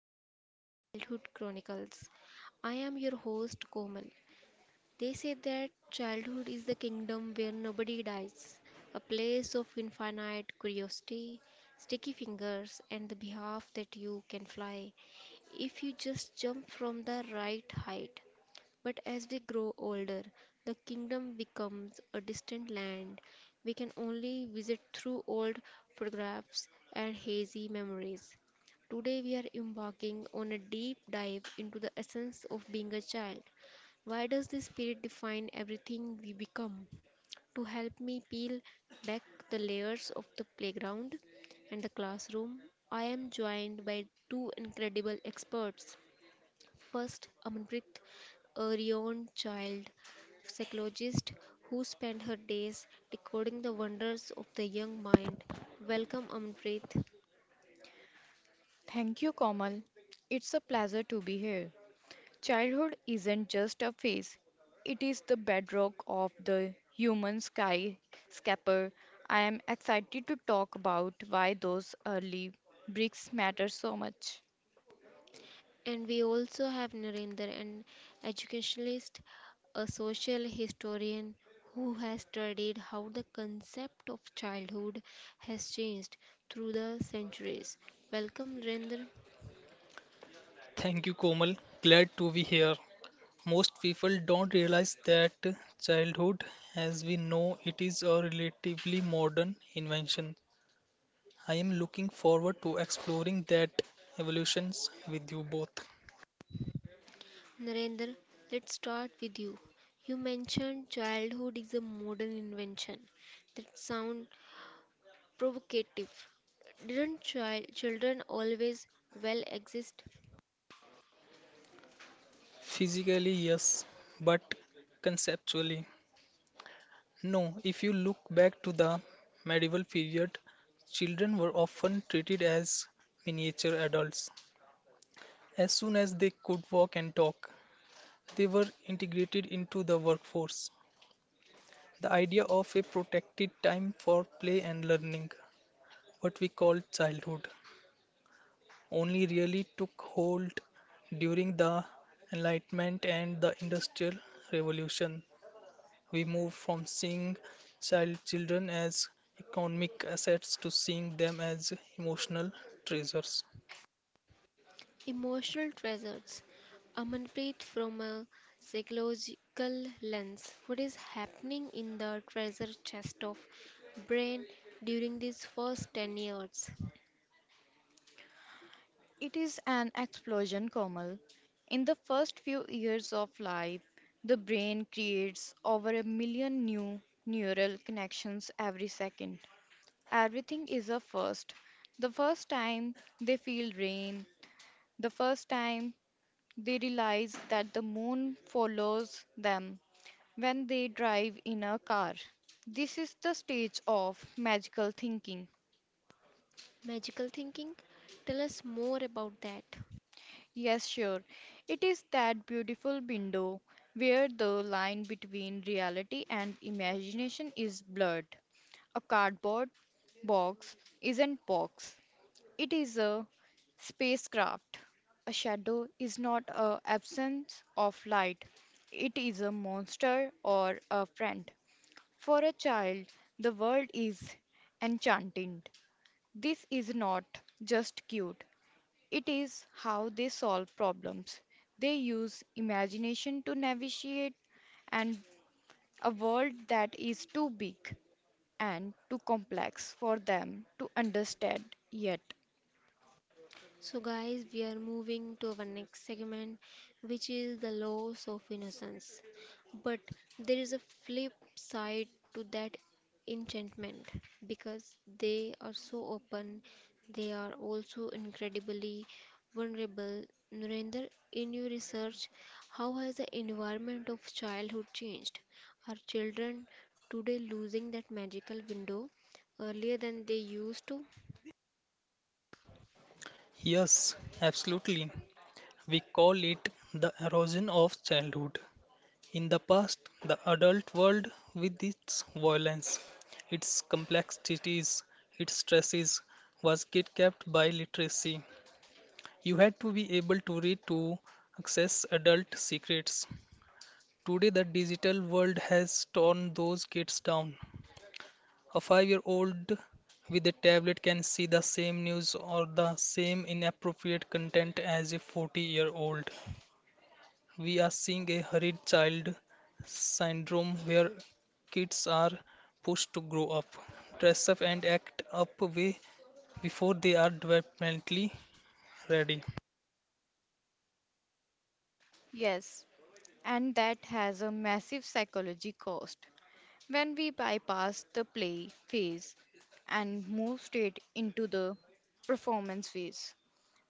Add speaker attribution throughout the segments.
Speaker 1: welcome to the Childhood Chronicles. I am your host, Komal. They say that childhood is the kingdom where nobody dies, a place of infinite curiosity, sticky fingers, and the behalf that you can fly if you just jump from the right height. But as we grow older, the kingdom becomes a distant land we can only visit through old photographs and hazy memories. Today, we are embarking on a deep dive into the essence of being a child. Why does the spirit define everything we become? To help me peel back the layers of the playground and the classroom, I am joined by two incredible experts. First, Amanpreet, a renowned child psychologist who spent her days decoding the wonders of the young mind. Welcome, Amanpreet.
Speaker 2: Thank you, Komal. It's a pleasure to be here. Childhood isn't just a phase, it is the bedrock of the human skyscraper. I am excited to talk about why those early bricks matter so much.
Speaker 1: And we also have Narendra, an educationalist, a social historian who has studied how the concept of childhood has changed through the centuries. Welcome, Narendra.
Speaker 3: Thank you, Komal. Glad to be here. Most people don't realize that childhood, as we know it, is a relatively modern invention. I am looking forward to exploring that evolutions with you both.
Speaker 1: Narendra, let's start with you. You mentioned childhood is a modern invention. That sounds provocative. Didn't child, children always well exist?
Speaker 3: Physically, yes, but conceptually, no. If you look back to the medieval period, children were often treated as miniature adults. As soon as they could walk and talk, they were integrated into the workforce. The idea of a protected time for play and learning, what we call childhood, only really took hold during the Enlightenment and the Industrial Revolution. We moved from seeing children as economic assets to seeing them as emotional treasures.
Speaker 1: Emotional treasures. Amanpreet, from a psychological lens, what is happening in the treasure chest of brain during these first 10 years?
Speaker 2: It is an explosion, Komal. In the first few years of life, the brain creates over a million new neural connections every second. Everything is a first. The first time they feel rain, the first time they realize that the moon follows them when they drive in a car. This is the stage of magical thinking.
Speaker 1: Magical thinking? Tell us more about that.
Speaker 2: Yes, sure. It is that beautiful window where the line between reality and imagination is blurred. A cardboard box isn't box. It is a spacecraft. A shadow is not an absence of light, it is a monster or a friend. For a child, the world is enchanting. This is not just cute, it is how they solve problems. They use imagination to navigate and a world that is too big and too complex for them to understand yet.
Speaker 1: So, guys, we are moving to our next segment, which is the loss of innocence. But there is a flip side to that enchantment because they are so open, they are also incredibly vulnerable. Narendra, in your research, how has the environment of childhood changed? Are children today losing that magical window earlier than they used to?
Speaker 3: Yes, absolutely. We call it the erosion of childhood. In the past, the adult world, with its violence, its complexities, its stresses, was kidnapped by literacy. You had to be able to read to access adult secrets. Today, the digital world has torn those kids down. A 5 year old with a tablet can see the same news or the same inappropriate content as a 40-year-old. We are seeing a hurried child syndrome where kids are pushed to grow up, dress up, and act up way before they are developmentally ready.
Speaker 2: Yes, and that has a massive psychology cost. When we bypass the play phase and move straight into the performance phase,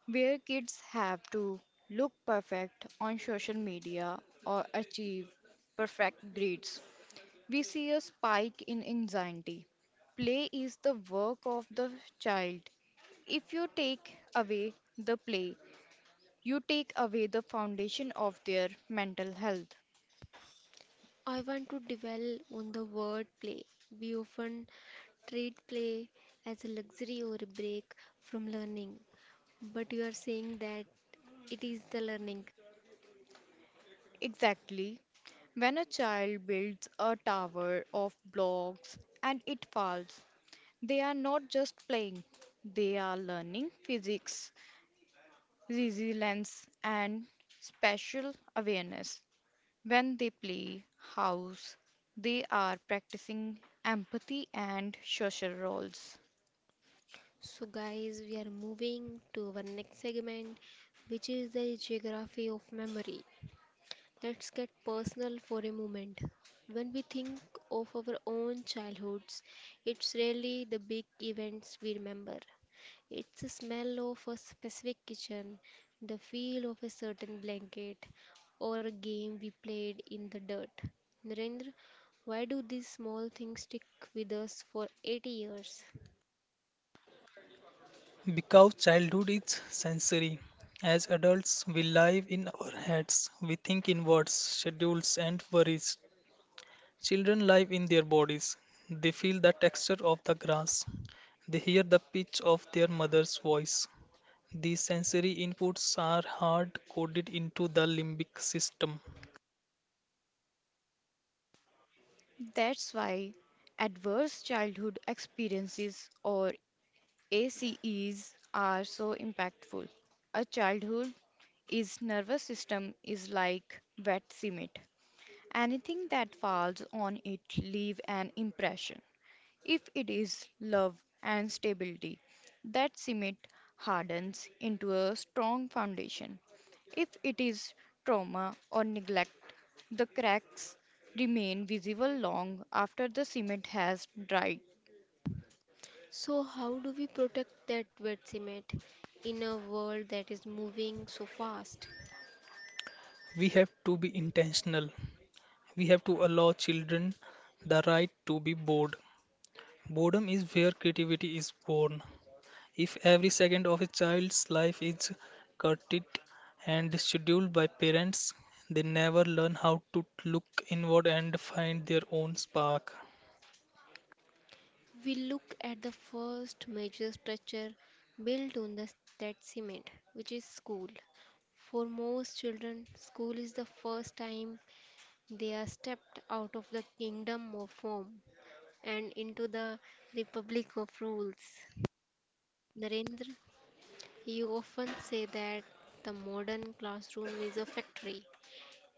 Speaker 2: where kids have to look perfect on social media or achieve perfect grades, we see a spike in anxiety. Play is the work of the child. If you take away the play, you take away the foundation of their mental health.
Speaker 1: I want to dwell on the word play. We often treat play as a luxury or a break from learning, but you are saying that it is the learning.
Speaker 2: Exactly. When a child builds a tower of blocks and it falls, they are not just playing, they are learning physics, resilience, and spatial awareness. When they play house, they are practicing empathy and social roles.
Speaker 1: So, guys, we are moving to our next segment, which is the geography of memory. Let's get personal for a moment. When we think of our own childhoods, it's really the big events we remember. It's the smell of a specific kitchen, the feel of a certain blanket, or a game we played in the dirt. Narendra, why do these small things stick with us for 80 years?
Speaker 3: Because childhood is sensory. As adults, we live in our heads, we think in words, schedules, and worries. Children live in their bodies. They feel the texture of the grass. They hear the pitch of their mother's voice. These sensory inputs are hard coded into the limbic system.
Speaker 2: That's why adverse childhood experiences or ACEs are so impactful. A childhood is nervous system is like wet cement. Anything that falls on it leave an impression. If it is love and stability, that cement hardens into a strong foundation. If it is trauma or neglect, the cracks remain visible long after the cement has dried.
Speaker 1: So, how do we protect that wet cement in a world that is moving so fast?
Speaker 3: We have to be intentional. We have to allow children the right to be bored. Boredom is where creativity is born. If every second of a child's life is curtailed and scheduled by parents, they never learn how to look inward and find their own spark.
Speaker 1: We look at the first major structure built on the, that cement, which is school. For most children, school is the first time they are stepped out of the kingdom of form and into the republic of rules. Narendra, you often say that the modern classroom is a factory.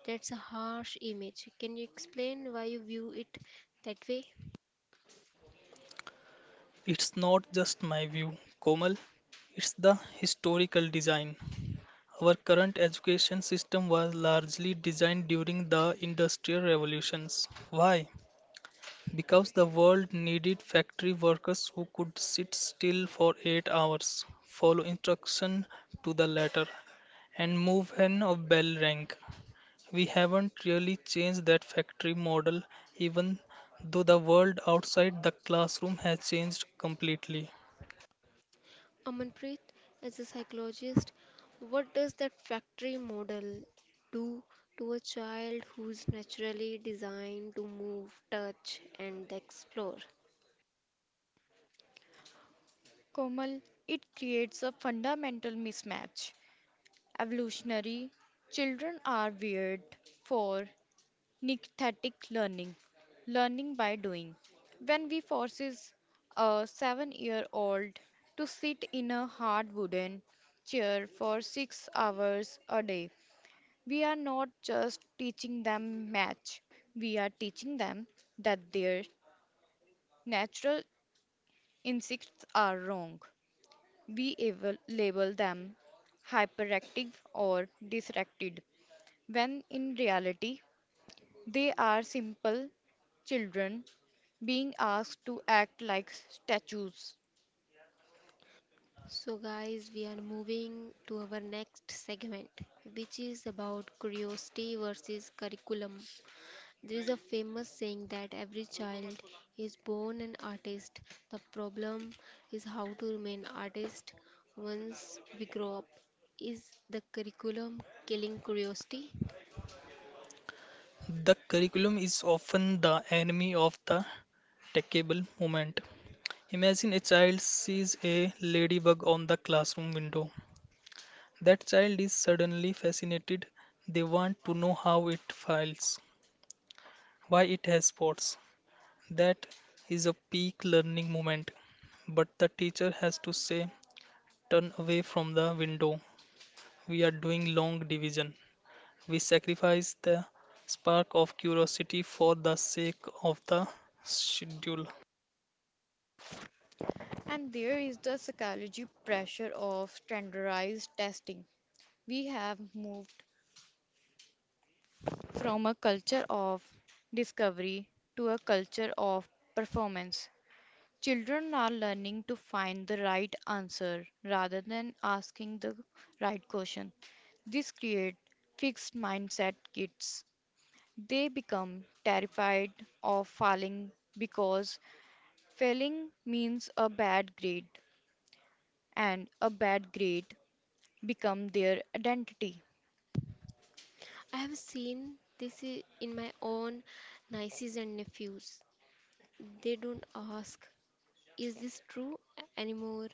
Speaker 1: That's a harsh image. Can you explain why you view it that way?
Speaker 3: It's not just my view, Komal, it's the historical design. Our current education system was largely designed during the Industrial Revolutions. Why? Because the world needed factory workers who could sit still for 8 hours, follow instruction to the letter, and move when a bell rang. We haven't really changed that factory model, even though the world outside the classroom has changed completely.
Speaker 1: Amanpreet, as a psychologist, what does that factory model do to a child who's naturally designed to move, touch, and explore?
Speaker 2: Komal, it creates a fundamental mismatch. Evolutionary, children are weird for nicthetic learning, learning by doing. When we forces a seven-year-old to sit in a hard wooden chair for 6 hours a day, we are not just teaching them math, we are teaching them that their natural instincts are wrong. We able, label them hyperactive or distracted, when in reality, they are simple children being asked to act like statues.
Speaker 1: So, guys, we are moving to our next segment, which is about curiosity versus curriculum. There is a famous saying that every child is born an artist. The problem is how to remain artist once we grow up. Is the curriculum killing curiosity?
Speaker 3: The curriculum is often the enemy of the teachable moment. Imagine a child sees a ladybug on the classroom window. That child is suddenly fascinated. They want to know how it files, why it has spots. That is a peak learning moment. But the teacher has to say, "Turn away from the window. We are doing long division." We sacrifice the spark of curiosity for the sake of the schedule.
Speaker 2: And there is the psychology pressure of standardized testing. We have moved from a culture of discovery to a culture of performance. Children are learning to find the right answer rather than asking the right question. This creates fixed mindset kids. They become terrified of failing because failing means a bad grade and a bad grade become their identity.
Speaker 1: I have seen this in my own nieces and nephews. They don't ask, is this true anymore?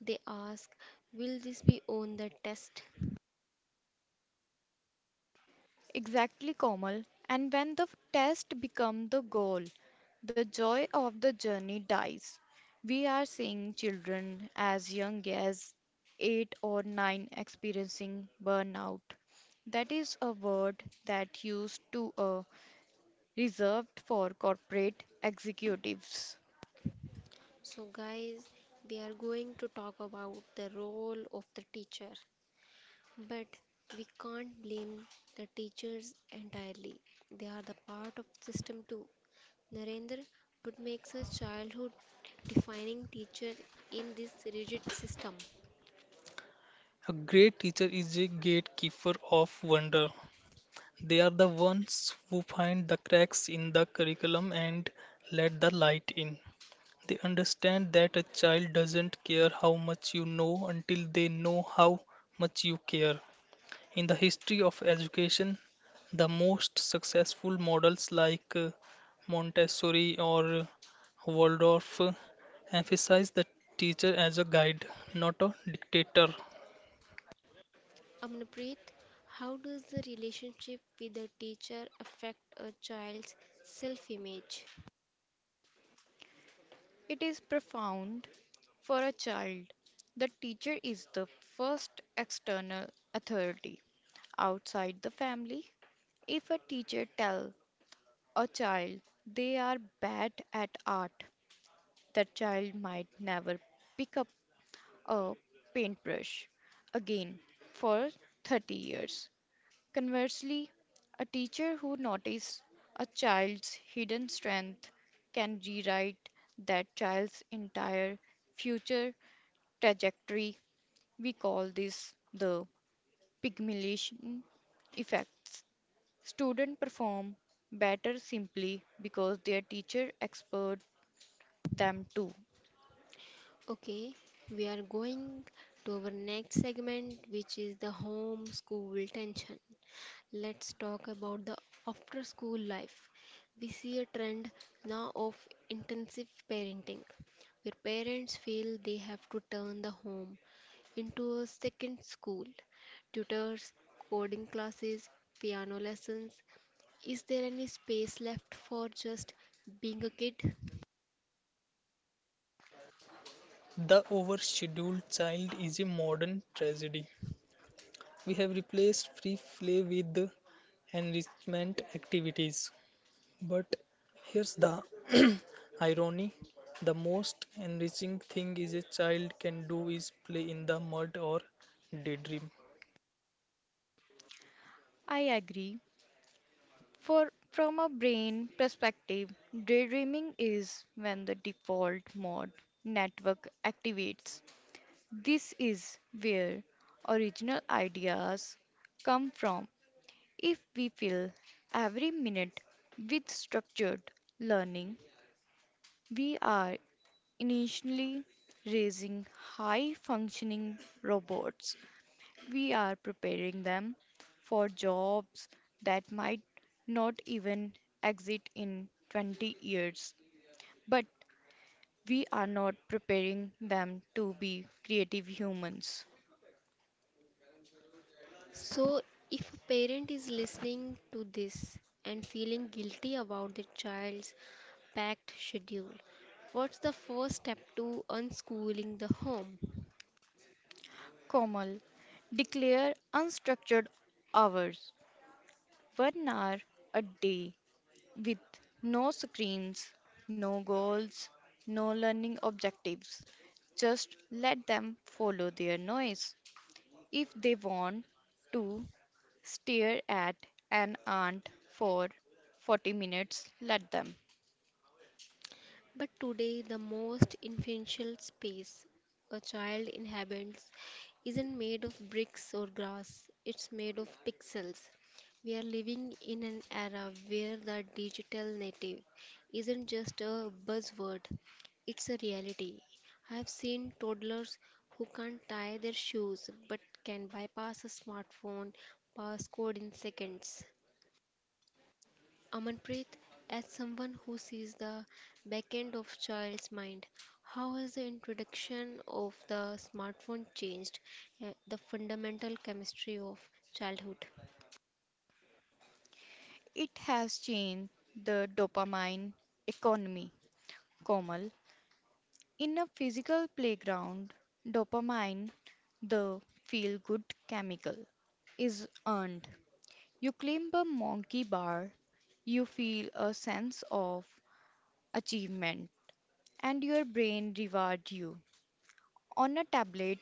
Speaker 1: They ask, will this be on the test?
Speaker 2: Exactly, Komal. And when the test becomes the goal, the joy of the journey dies. We are seeing children as young as 8 or 9 experiencing burnout. That is a word that used to reserved for corporate executives.
Speaker 1: So, guys, we are going to talk about the role of the teacher. But we can't blame the teachers entirely. They are the part of the system too. Narendra, what makes a childhood defining teacher in this rigid system?
Speaker 3: A great teacher is a gatekeeper of wonder. They are the ones who find the cracks in the curriculum and let the light in. They understand that a child doesn't care how much you know until they know how much you care. In the history of education, the most successful models like Montessori or Waldorf emphasize the teacher as a guide, not a dictator.
Speaker 1: Amnapreet, how does the relationship with the teacher affect a child's self image?
Speaker 2: It is profound for a child. The teacher is the first external authority outside the family. If a teacher tell a child they are bad at art, that child might never pick up a paintbrush again for 30 years. Conversely, a teacher who notices a child's hidden strength can rewrite that child's entire future trajectory. We call this the pygmalion effect. Students perform better simply because their teacher expert them to.
Speaker 1: Okay, we are going to our next segment, which is the home school tension. Let's talk about the after school life. We see a trend now of intensive parenting, where parents feel they have to turn the home into a second school. Tutors, coding classes, piano lessons. Is there any space left for just being a kid?
Speaker 3: The overscheduled child is a modern tragedy. We have replaced free play with enrichment activities. But here's the irony. The most enriching thing is a child can do is play in the mud or daydream.
Speaker 2: I agree. For from a brain perspective, daydreaming is when the default mode network activates. This is where original ideas come from. If we fill every minute with structured learning, we are initially raising high functioning robots. We are preparing them for jobs that might not even exist in 20 years. But we are not preparing them to be creative humans.
Speaker 1: So, if a parent is listening to this and feeling guilty about their child's packed schedule, what's the first step to unschooling the home?
Speaker 2: Komal, declare unstructured hours, 1 hour a day with no screens, no goals, no learning objectives. Just let them follow their noise. If they want to stare at an ant for 40 minutes, let them.
Speaker 1: But today, the most influential space a child inhabits isn't made of bricks or grass, it's made of pixels. We are living in an era where the digital native isn't just a buzzword, it's a reality. I have seen toddlers who can't tie their shoes but can bypass a smartphone passcode in seconds. Amanpreet, as someone who sees the back end of child's mind, how has the introduction of the smartphone changed the fundamental chemistry of childhood?
Speaker 2: It has changed the dopamine economy, Komal. In a physical playground, dopamine, the feel good chemical, is earned. You climb a monkey bar, you feel a sense of achievement, and your brain rewards you. On a tablet,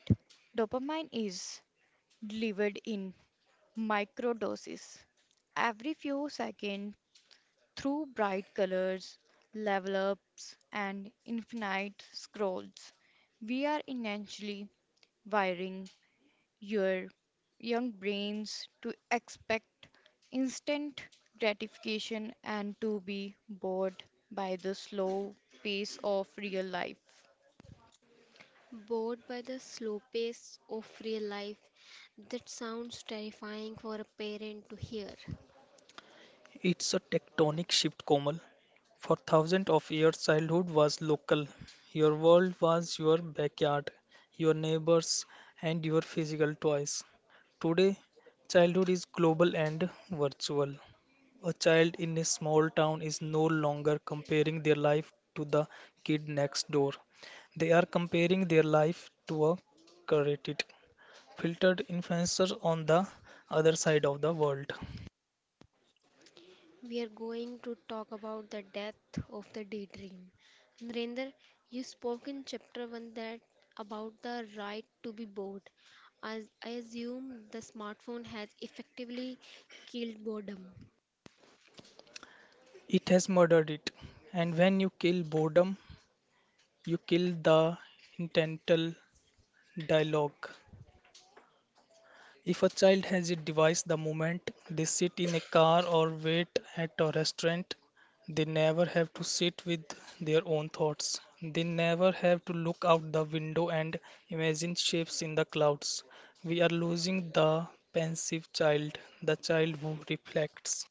Speaker 2: dopamine is delivered in microdoses. Every few seconds, through bright colors, level ups, and infinite scrolls, we are essentially wiring your young brains to expect instant gratification and to be bored by the slow pace of real life.
Speaker 1: Bored by the slow pace of real life, that sounds terrifying for a parent to hear.
Speaker 3: It's a tectonic shift, Komal. For thousands of years, childhood was local. Your world was your backyard, your neighbors, and your physical toys. Today, childhood is global and virtual. A child in a small town is no longer comparing their life to the kid next door. They are comparing their life to a curated, filtered influencer on the other side of the world.
Speaker 1: We are going to talk about the death of the daydream. Narendra, you spoke in chapter 1 that about the right to be bored. As I assume the smartphone has effectively killed boredom.
Speaker 3: It has murdered it. And when you kill boredom, you kill the intentional dialogue. If a child has a device the moment they sit in a car or wait at a restaurant, they never have to sit with their own thoughts. They never have to look out the window and imagine shapes in the clouds. We are losing the pensive child, the child who reflects.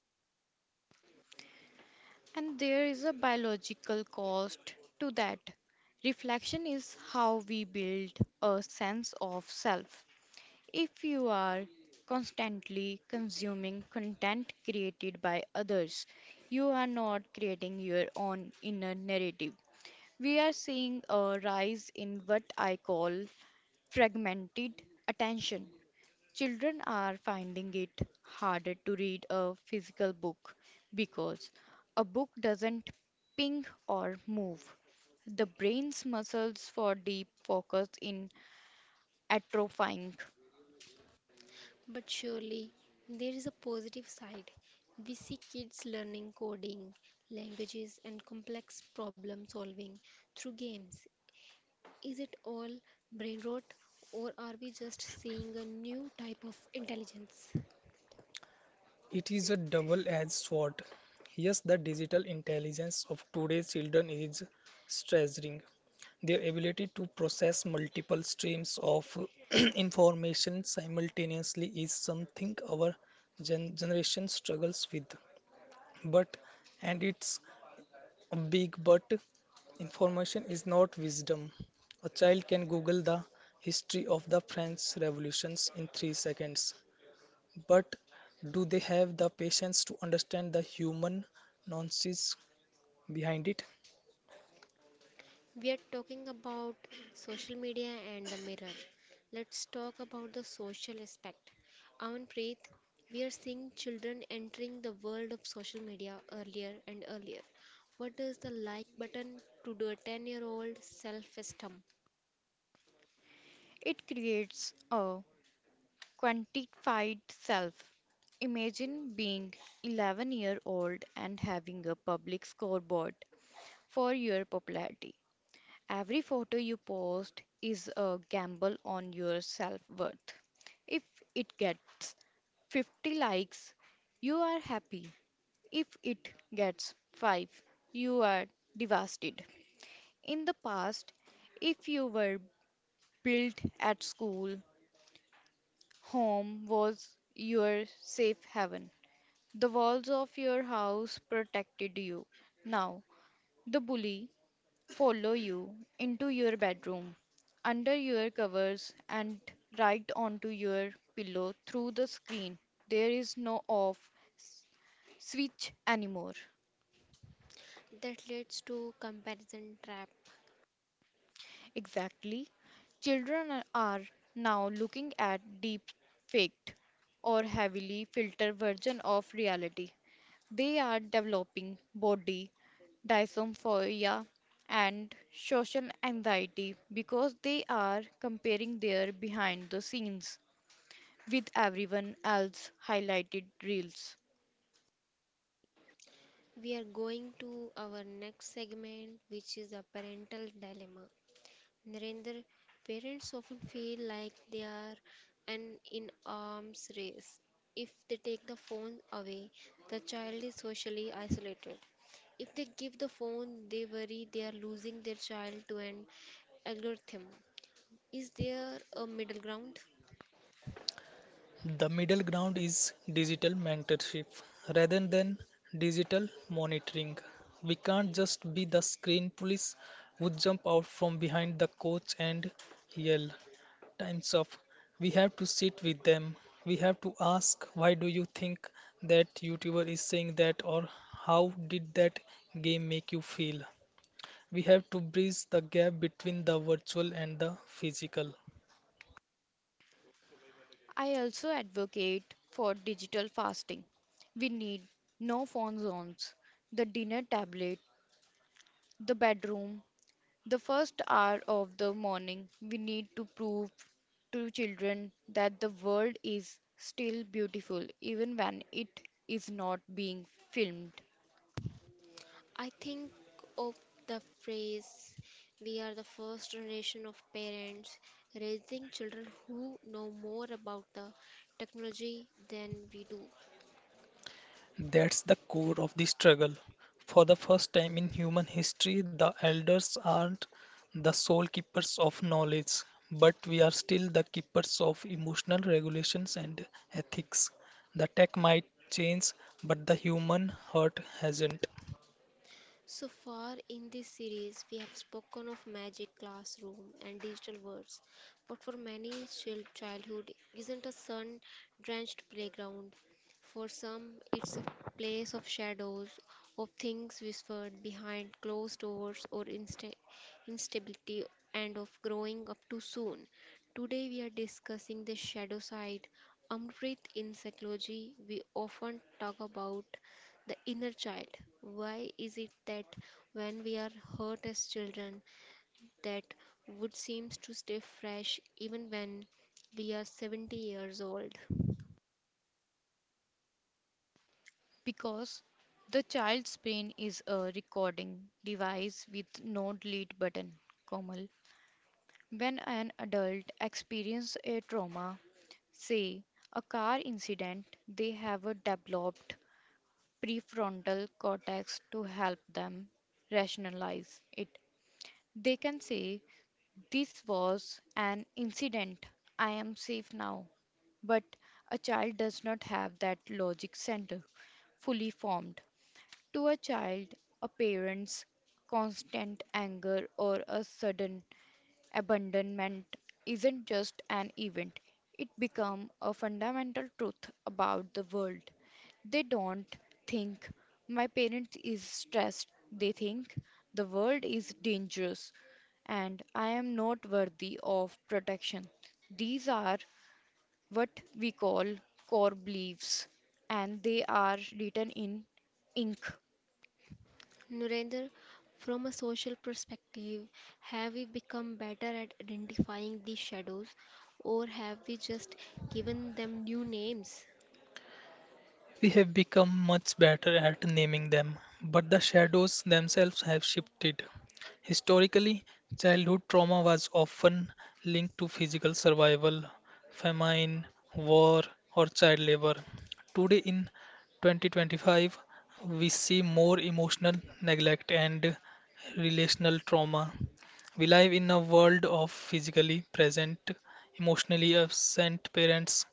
Speaker 2: And there is a biological cost to that. Reflection is how we build a sense of self. If you are constantly consuming content created by others, you are not creating your own inner narrative. We are seeing a rise in what I call fragmented attention. Children are finding it harder to read a physical book because a book doesn't ping or move. The brain's muscles for deep focus in atrophying.
Speaker 1: But surely there is a positive side. We see kids learning coding, languages, and complex problem solving through games. Is it all brain rot, or are we just seeing a new type of intelligence?
Speaker 3: It is a double-edged sword. Yes, the digital intelligence of today's children is staggering. Their ability to process multiple streams of information simultaneously is something our generation struggles with. But, and it's a big but, information is not wisdom. A child can Google the history of the French revolutions in 3 seconds, but do they have the patience to understand the human nonsense behind it?
Speaker 1: We are talking about social media and the mirror. Let's talk about the social aspect. Amanpreet, we are seeing children entering the world of social media earlier and earlier. What does the like button to do a 10-year-old self esteem?
Speaker 2: It creates a quantified self. Imagine being 11-year-old and having a public scoreboard for your popularity. Every photo you post is a gamble on your self worth. If it gets 50 likes, you are happy. If it gets 5, you are devastated. In the past, if you were built at school, home was your safe haven. The walls of your house protected you. Now, the bully follow you into your bedroom, under your covers, and right onto your pillow through the screen. There is no off switch anymore.
Speaker 1: That leads to comparison trap.
Speaker 2: Exactly. Children are now looking at deep faked or heavily filtered version of reality. They are developing body dysmorphia and social anxiety because they are comparing their behind the scenes with everyone else highlighted reels.
Speaker 1: We are going to our next segment, which is a parental dilemma. Narendra, parents often feel like they are an in arms race. If they take the phone away, the child is socially isolated. If they give the phone, they worry they are losing their child to an algorithm. Is there a middle ground?
Speaker 3: The middle ground is digital mentorship rather than digital monitoring. We can't just be the screen police who jump out from behind the coach and yell, "Time's up." We have to sit with them. We have to ask, "Why do you think that YouTuber is saying that?" or "How did that game make you feel?" We have to bridge the gap between the virtual and the physical.
Speaker 2: I also advocate for digital fasting. We need no phone zones, the dinner tablet, the bedroom, the first hour of the morning. We need to prove to children that the world is still beautiful even when it is not being filmed.
Speaker 1: I think of the phrase, we are the first generation of parents raising children who know more about the technology than we do.
Speaker 3: That's the core of the struggle. For the first time in human history, the elders aren't the sole keepers of knowledge, but we are still the keepers of emotional regulations and ethics. The tech might change, but the human heart hasn't.
Speaker 1: So far in this series, we have spoken of magic, classroom, and digital worlds. But for many, childhood isn't a sun drenched playground. For some, it's a place of shadows, of things whispered behind closed doors, or instability, and of growing up too soon. Today, we are discussing the shadow side. Amrit, in psychology, we often talk about the inner child. Why is it that when we are hurt as children, that wood seems to stay fresh even when we are 70 years old?
Speaker 2: Because the child's brain is a recording device with no delete button, Komal. When an adult experiences a trauma, say a car incident, they have a developed prefrontal cortex to help them rationalize it. They can say, "This was an incident, I am safe now." But a child does not have that logic center fully formed. To a child, a parent's constant anger or a sudden abandonment isn't just an event, it becomes a fundamental truth about the world. They don't think my parent is stressed, they think the world is dangerous and I am not worthy of protection. These are what we call core beliefs and they are written in ink.
Speaker 1: Nurendra, from a social perspective, have we become better at identifying these shadows or have we just given them new names?
Speaker 3: We have become much better at naming them, but the shadows themselves have shifted. Historically, childhood trauma was often linked to physical survival, famine, war, or child labor. Today, in 2025, we see more emotional neglect and relational trauma. We live in a world of physically present, emotionally absent parents.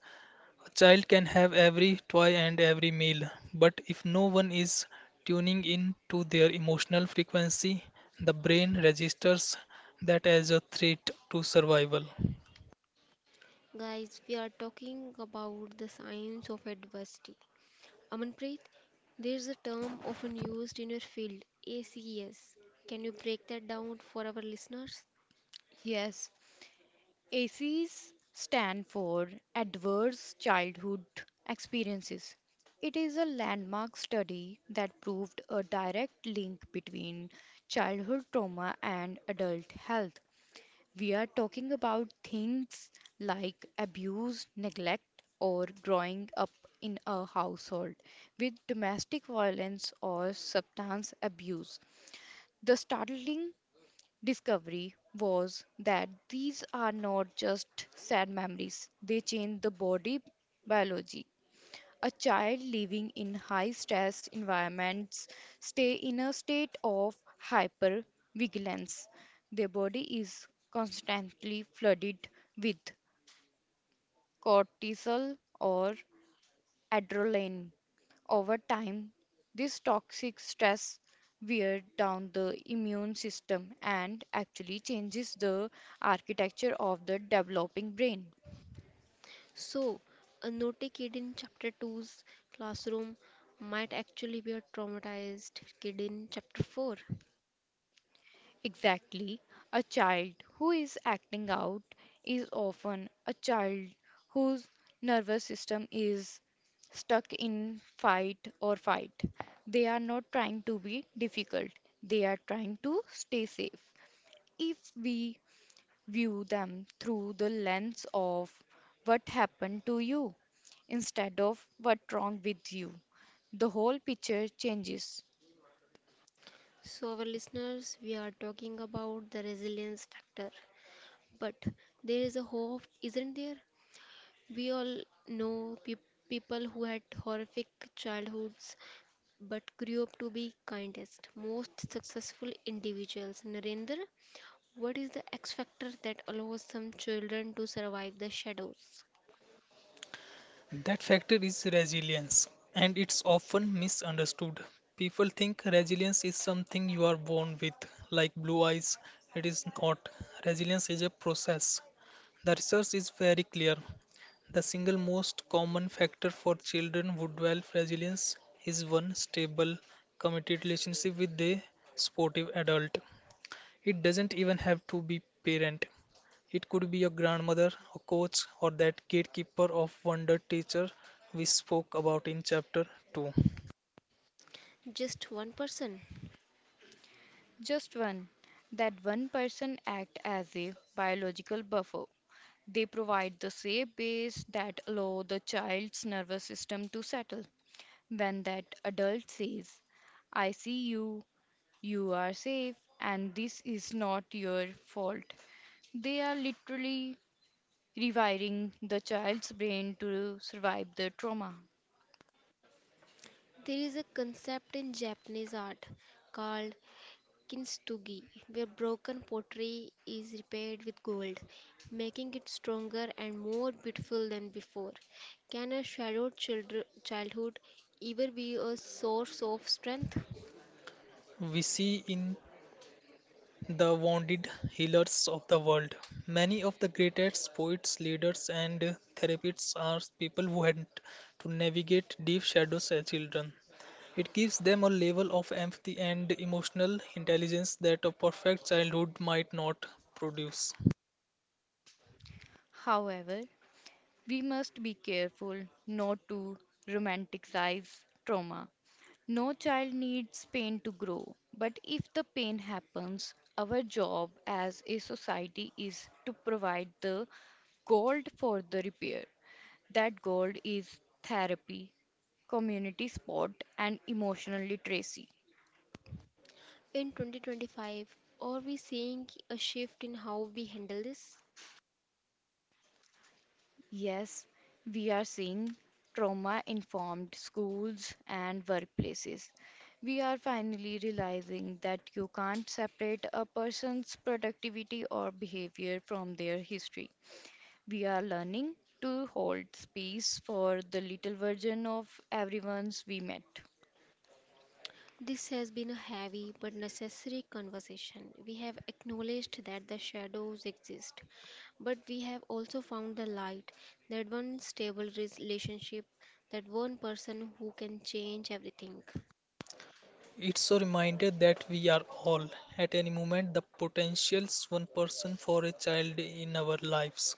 Speaker 3: A child can have every toy and every meal, but if no one is tuning in to their emotional frequency, the brain registers that as a threat to survival.
Speaker 1: Guys, we are talking about the science of adversity. Amanpreet, there's a term often used in your field, ACS. Can you break that down for our listeners?
Speaker 2: Yes, ACEs stand for Adverse Childhood Experiences. It is a landmark study that proved a direct link between childhood trauma and adult health. We are talking about things like abuse, neglect, or growing up in a household with domestic violence or substance abuse. The startling discovery was that these are not just sad memories, they change the body biology. A child living in high stress environments stay in a state of hypervigilance. Their body is constantly flooded with cortisol or adrenaline. Over time, this toxic stress wears down the immune system and actually changes the architecture of the developing brain.
Speaker 1: So, a naughty kid in chapter Two's classroom might actually be a traumatized kid in chapter 4.
Speaker 2: Exactly, a child who is acting out is often a child whose nervous system is stuck in fight or flight. They are not trying to be difficult, they are trying to stay safe. If we view them through the lens of what happened to you instead of what's wrong with you. The whole picture changes.
Speaker 1: So, our listeners, we are talking about the resilience factor. But there is a hope, isn't there? We all know people who had horrific childhoods but grew up to be kindest, most successful individuals. Narendra, what is the X factor that allows some children to survive the shadows?
Speaker 3: That factor is resilience, and it's often misunderstood. People think resilience is something you are born with, like blue eyes. It is not. Resilience is a process. The research is very clear. The single most common factor for children who develop resilience is one stable, committed relationship with a supportive adult. It doesn't even have to be parent. It could be a grandmother, a coach, or that gatekeeper of wonder teacher we spoke about in chapter 2.
Speaker 1: Just one person.
Speaker 2: Just one. That one person act as a biological buffer. They provide the safe base that allow the child's nervous system to settle. When that adult says, "I see you, you are safe, and this is not your fault," they are literally rewiring the child's brain to survive the trauma.
Speaker 1: There is a concept in Japanese art called kintsugi, where broken pottery is repaired with gold, making it stronger and more beautiful than before. Can a shadowed childhood ever be a source of strength?
Speaker 3: We see in the wounded healers of the world. Many of the greatest poets, leaders, and therapists are people who had to navigate deep shadows as children. It gives them a level of empathy and emotional intelligence that a perfect childhood might not produce.
Speaker 2: However, we must be careful not to romanticize trauma. No child needs pain to grow, but if the pain happens, our job as a society is to provide the gold for the repair. That gold is therapy, community support, and emotional literacy.
Speaker 1: In 2025, are we seeing a shift in how we handle this?
Speaker 2: Yes, we are seeing trauma informed schools and workplaces. We are finally realizing that you can't separate a person's productivity or behavior from their history. We are learning to hold space for the little version of everyone's we met.
Speaker 1: This has been a heavy but necessary conversation. We have acknowledged that the shadows exist, but we have also found the light, that one stable relationship, that one person who can change everything.
Speaker 3: It's a reminder that we are all, at any moment, the potentials one person for a child in our lives.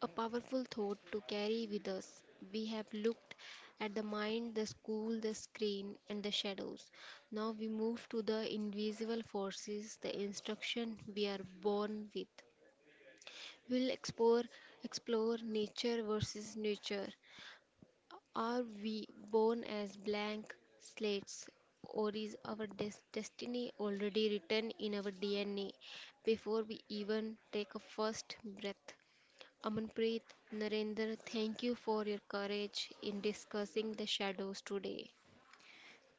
Speaker 1: A powerful thought to carry with us. We have looked at the mind, the school, the screen, and the shadows. Now we move to the invisible forces, the instruction we are born with. We'll explore nature versus nurture. Are we born as blank slates, or is our destiny already written in our DNA before we even take a first breath? Amanpreet, Narendra, thank you for your courage in discussing the shadows today.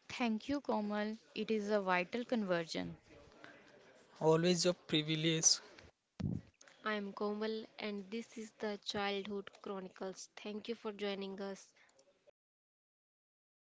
Speaker 2: Thank you, Komal. It is a vital conversion.
Speaker 3: Always a privilege.
Speaker 1: I am Komal and this is the Childhood Chronicles. Thank you for joining us.